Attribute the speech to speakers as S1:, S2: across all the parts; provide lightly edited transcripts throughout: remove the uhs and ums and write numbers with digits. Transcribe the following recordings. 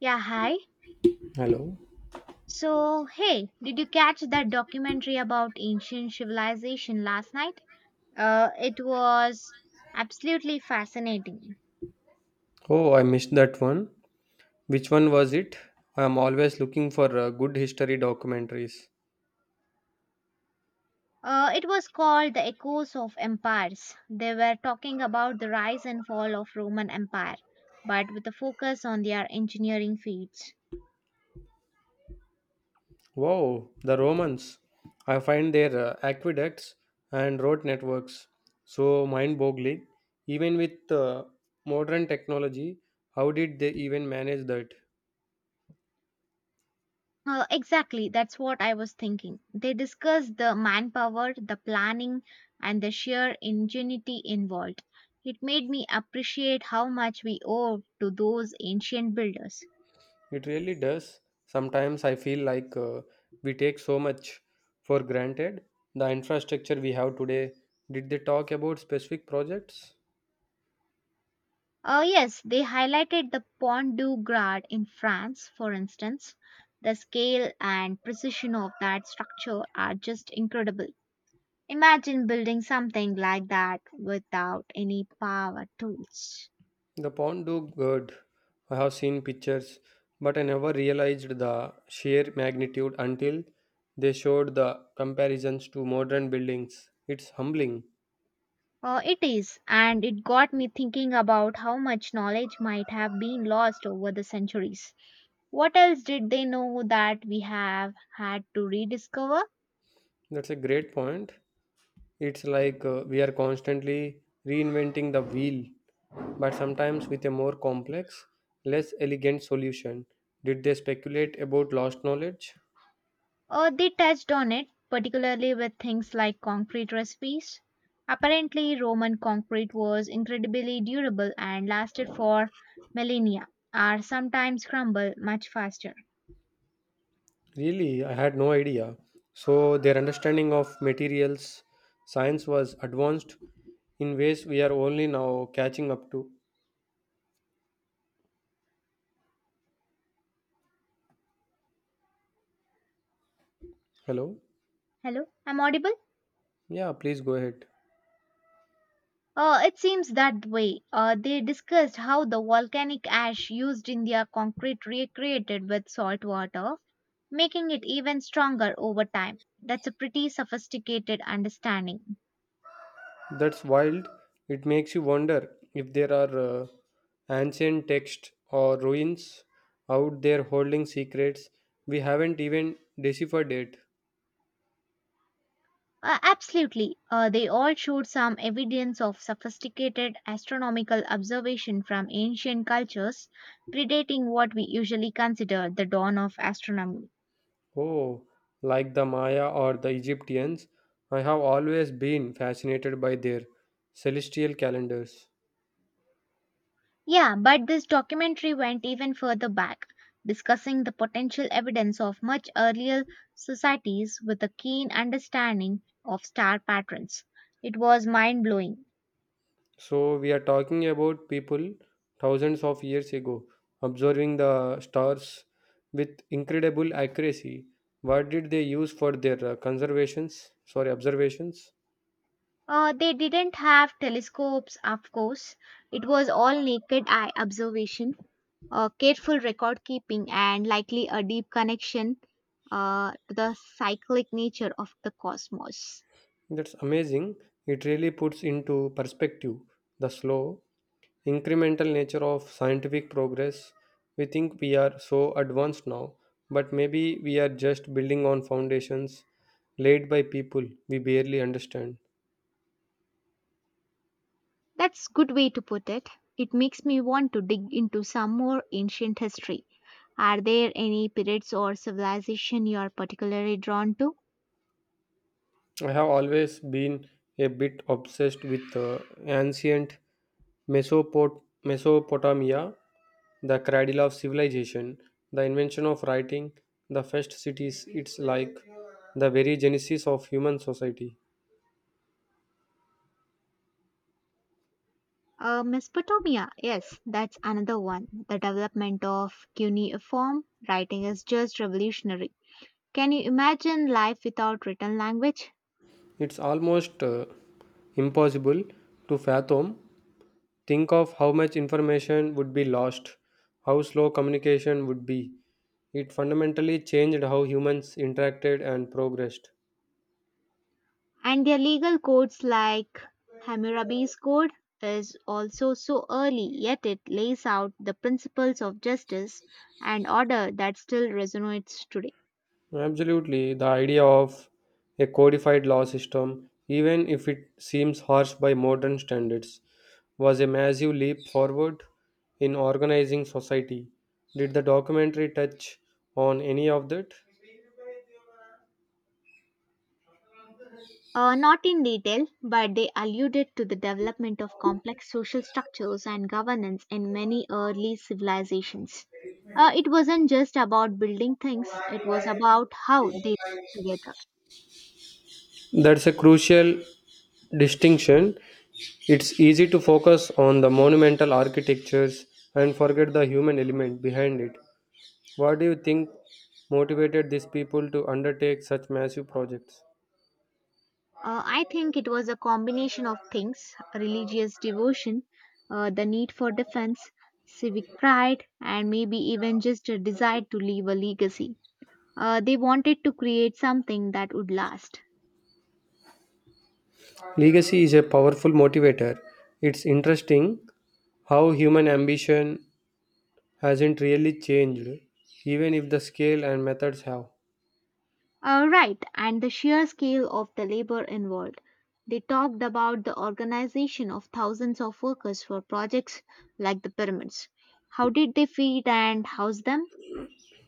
S1: Yeah, hi.
S2: Hello.
S1: So, hey, did you catch that documentary about ancient civilization last night? It was absolutely fascinating.
S2: Oh, I missed that one. Which one was it? I am always looking for good history documentaries.
S1: It was called The Echoes of Empires. They were talking about the rise and fall of Roman Empire, but with a focus on their engineering feats.
S2: Wow, the Romans. I find their aqueducts and road networks so mind boggling. Even with modern technology, how did they even manage that?
S1: Exactly, that's what I was thinking. They discuss the manpower, the planning, and the sheer ingenuity involved. It made me appreciate how much we owe to those ancient builders.
S2: It really does. Sometimes I feel like we take so much for granted. The infrastructure we have today, did they talk about specific projects?
S1: Oh yes, they highlighted the Pont du Gard in France, for instance. The scale and precision of that structure are just incredible. Imagine building something like that without any power tools.
S2: The pond looked good. I have seen pictures, but I never realized the sheer magnitude until they showed the comparisons to modern buildings. It's humbling.
S1: It is, and it got me thinking about how much knowledge might have been lost over the centuries. What else did they know that we have had to rediscover?
S2: That's a great point. It's like we are constantly reinventing the wheel, but sometimes with a more complex, less elegant solution. Did they speculate about lost knowledge?
S1: They touched on it, particularly with things like concrete recipes. Apparently, Roman concrete was incredibly durable and lasted for millennia, or sometimes crumble much faster.
S2: Really, I had no idea. So, their understanding of materials science was advanced in ways we are only now catching up to. Hello?
S1: Hello, I'm audible?
S2: Yeah, please go ahead.
S1: It seems that way. They discussed how the volcanic ash used in their concrete recreated with salt water, making it even stronger over time. That's a pretty sophisticated understanding.
S2: That's wild. It makes you wonder if there are ancient texts or ruins out there holding secrets we haven't even deciphered yet.
S1: Absolutely. They all showed some evidence of sophisticated astronomical observation from ancient cultures, predating what we usually consider the dawn of astronomy.
S2: Oh, like the Maya or the Egyptians, I have always been fascinated by their celestial calendars.
S1: Yeah, but this documentary went even further back, discussing the potential evidence of much earlier societies with a keen understanding of star patterns. It was mind blowing.
S2: So we are talking about people thousands of years ago observing the stars with incredible accuracy. What did they use for their conservations? Sorry, observations.
S1: They didn't have telescopes, of course. It was all naked eye observation, careful record keeping, and likely a deep connection to the cyclic nature of the cosmos.
S2: That's amazing. It really puts into perspective the slow, incremental nature of scientific progress. We think we are so advanced now, but maybe we are just building on foundations laid by people we barely understand.
S1: That's good way to put it. It makes me want to dig into some more ancient history. Are there any periods or civilization you are particularly drawn to?
S2: I have always been a bit obsessed with ancient Mesopotamia, the cradle of civilization, the invention of writing, the first cities. It's like the very genesis of human society.
S1: Mesopotamia, yes, that's another one. The development of cuneiform writing is just revolutionary. Can you imagine life without written language?
S2: It's almost impossible to fathom. Think of how much information would be lost, how slow communication would be. It fundamentally changed how humans interacted and progressed.
S1: And their legal codes like Hammurabi's Code is also so early, yet it lays out the principles of justice and order that still resonates today.
S2: Absolutely. The idea of a codified law system, even if it seems harsh by modern standards, was a massive leap forward in organizing society. Did the documentary touch on any of that?
S1: Not in detail, but they alluded to the development of complex social structures and governance in many early civilizations. It wasn't just about building things, it was about how they lived together.
S2: That's a crucial distinction. It's easy to focus on the monumental architectures and forget the human element behind it. What do you think motivated these people to undertake such massive projects?
S1: I think it was a combination of things religious devotion, the need for defense, civic pride, and maybe even just a desire to leave a legacy. They wanted to create something that would last.
S2: Legacy is a powerful motivator. It's interesting how human ambition hasn't really changed, even if the scale and methods have.
S1: Right, and the sheer scale of the labor involved. They talked about the organization of thousands of workers for projects like the pyramids. How did they feed and house them?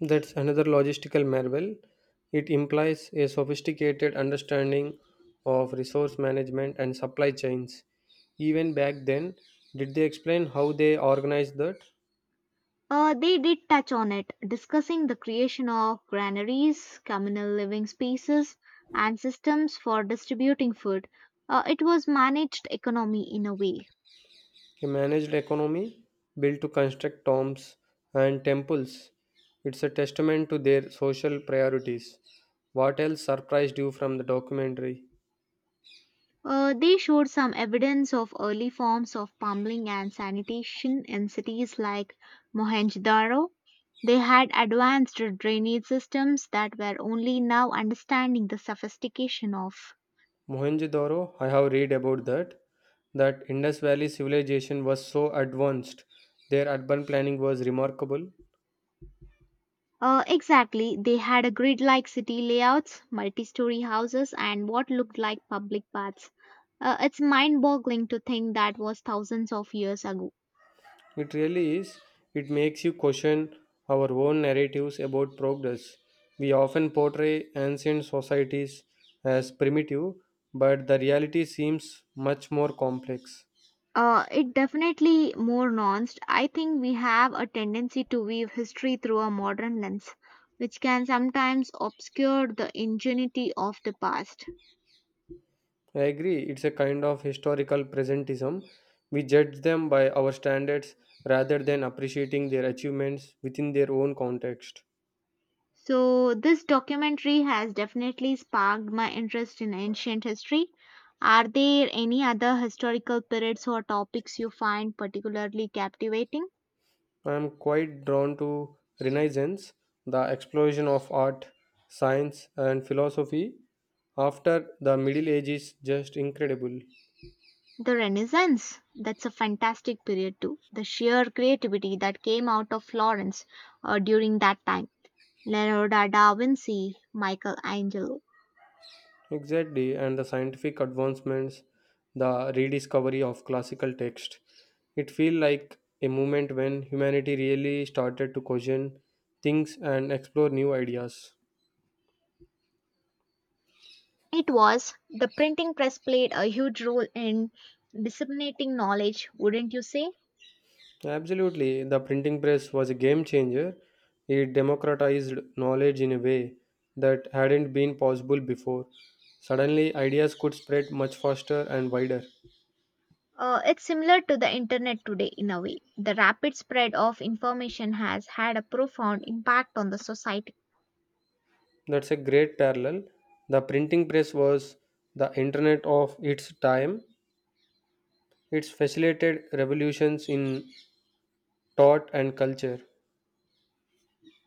S2: That's another logistical marvel. It implies a sophisticated understanding of resource management and supply chains. Even back then, did they explain how they organized that?
S1: They did touch on it, discussing the creation of granaries, communal living spaces, and systems for distributing food. It was managed economy in a way.
S2: A managed economy, built to construct tombs and temples. It's a testament to their social priorities. What else surprised you from the documentary?
S1: They showed some evidence of early forms of plumbing and sanitation in cities like Mohenjo-daro. They had advanced drainage systems that were only now understanding the sophistication of.
S2: Mohenjo-daro, I have read about that. That Indus Valley civilization was so advanced. Their urban planning was remarkable.
S1: Exactly, they had a grid like city layouts, multi story houses, and what looked like public baths. It's mind boggling to think that was thousands of years ago.
S2: It really is. It makes you question our own narratives about progress. We often portray ancient societies as primitive, but the reality seems much more complex.
S1: It definitely more nuanced. I think we have a tendency to weave history through a modern lens, which can sometimes obscure the ingenuity of the past.
S2: I agree, it's a kind of historical presentism. We judge them by our standards rather than appreciating their achievements within their own context.
S1: So, this documentary has definitely sparked my interest in ancient history. Are there any other historical periods or topics you find particularly captivating?
S2: I am quite drawn to Renaissance, the explosion of art, science, and philosophy after the Middle Ages, just incredible.
S1: The Renaissance, that's a fantastic period too. The sheer creativity that came out of Florence during that time. Leonardo da Vinci, Michelangelo.
S2: Exactly, and the scientific advancements, the rediscovery of classical text. It feels like a moment when humanity really started to question things and explore new ideas.
S1: It was the printing press played a huge role in disseminating knowledge, wouldn't you say?
S2: Absolutely. The printing press was a game changer. It democratized knowledge in a way that hadn't been possible before. Suddenly, ideas could spread much faster and wider.
S1: It's similar to the internet today in a way. The rapid spread of information has had a profound impact on the society.
S2: That's a great parallel. The printing press was the internet of its time. It's facilitated revolutions in thought and culture.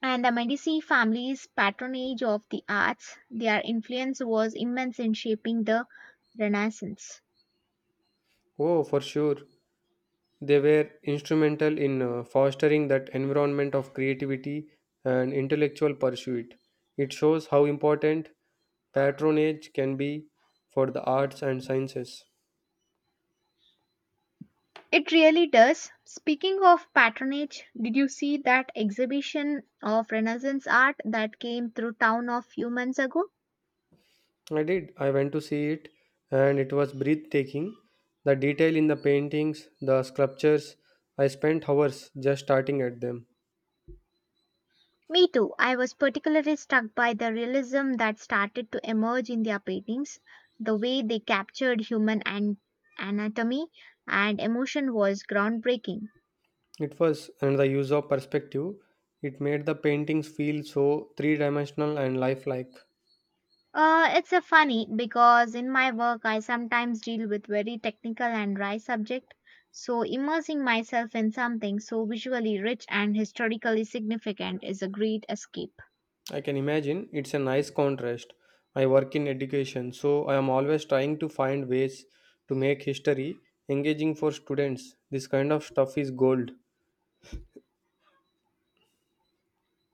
S1: And the Medici family's patronage of the arts, their influence was immense in shaping the Renaissance.
S2: Oh, for sure. They were instrumental in fostering that environment of creativity and intellectual pursuit. It shows how important patronage can be for the arts and sciences.
S1: It really does. Speaking of patronage, did you see that exhibition of Renaissance art that came through town a few months ago?
S2: I did. I went to see it and it was breathtaking. The detail in the paintings, the sculptures, I spent hours just starting at them.
S1: Me too. I was particularly struck by the realism that started to emerge in their paintings. The way they captured anatomy and emotion was groundbreaking.
S2: It was, and the use of perspective, it made the paintings feel so three dimensional and lifelike.
S1: It's a funny because in my work I sometimes deal with very technical and dry subject. So immersing myself in something so visually rich and historically significant is a great escape.
S2: I can imagine it's a nice contrast. I work in education, so I am always trying to find ways to make history engaging for students. This kind of stuff is gold.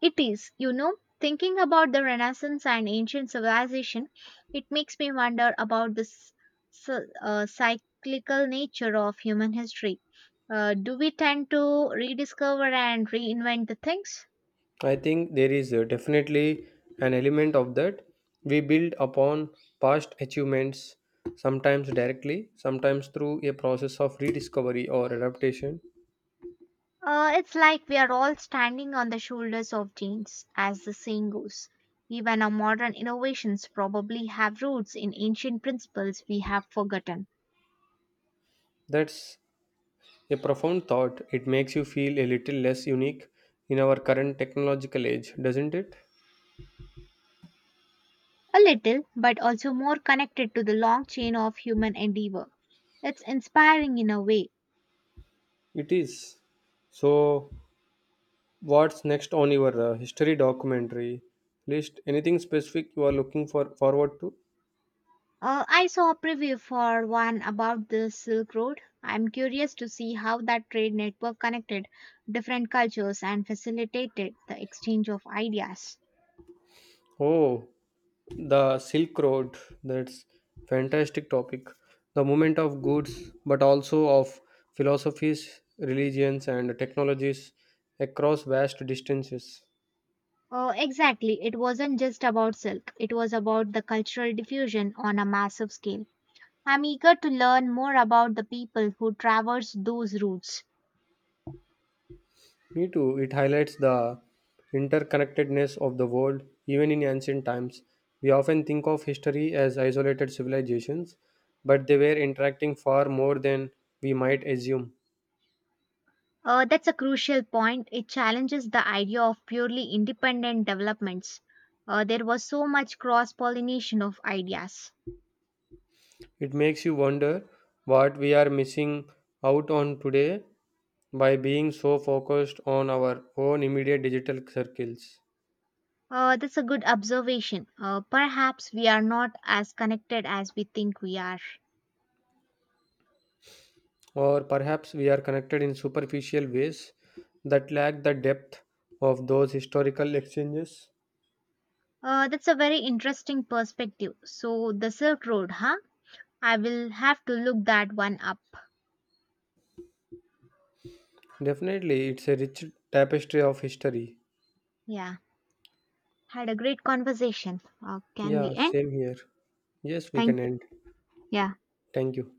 S1: It is, you know, thinking about the Renaissance and ancient civilization, it makes me wonder about this cyclical nature of human history. Do we tend to rediscover and reinvent the things?
S2: I think there is definitely an element of that. We build upon past achievements, sometimes directly, sometimes through a process of rediscovery or adaptation.
S1: It's like we are all standing on the shoulders of giants, as the saying goes. Even our modern innovations probably have roots in ancient principles we have forgotten.
S2: That's a profound thought. It makes you feel a little less unique in our current technological age, doesn't it?
S1: A little, but also more connected to the long chain of human endeavor. It's inspiring in a way.
S2: It is. So, what's next on your history documentary list? Anything specific you are looking for forward to?
S1: I saw a preview for one about the Silk Road. I'm curious to see how that trade network connected different cultures and facilitated the exchange of ideas.
S2: Oh, the Silk Road. That's fantastic topic. The movement of goods, but also of philosophies, religions, and technologies across vast distances.
S1: Exactly, it wasn't just about silk, it was about the cultural diffusion on a massive scale. I'm eager to learn more about the people who traversed those routes.
S2: Me too. It highlights the interconnectedness of the world, even in ancient times. We often think of history as isolated civilizations, but they were interacting far more than we might assume.
S1: That's a crucial point. It challenges the idea of purely independent developments. There was so much cross pollination of ideas.
S2: It makes you wonder what we are missing out on today by being so focused on our own immediate digital circles.
S1: That's a good observation. Perhaps we are not as connected as we think we are.
S2: Or perhaps we are connected in superficial ways that lack the depth of those historical exchanges.
S1: That's a very interesting perspective. So, the Silk Road, huh? I will have to look that one up.
S2: Definitely, it's a rich tapestry of history.
S1: Yeah, had a great conversation. Can we
S2: Yeah,
S1: end?
S2: same here. Yes, we
S1: Thank
S2: can
S1: you.
S2: end.
S1: Yeah.
S2: Thank you.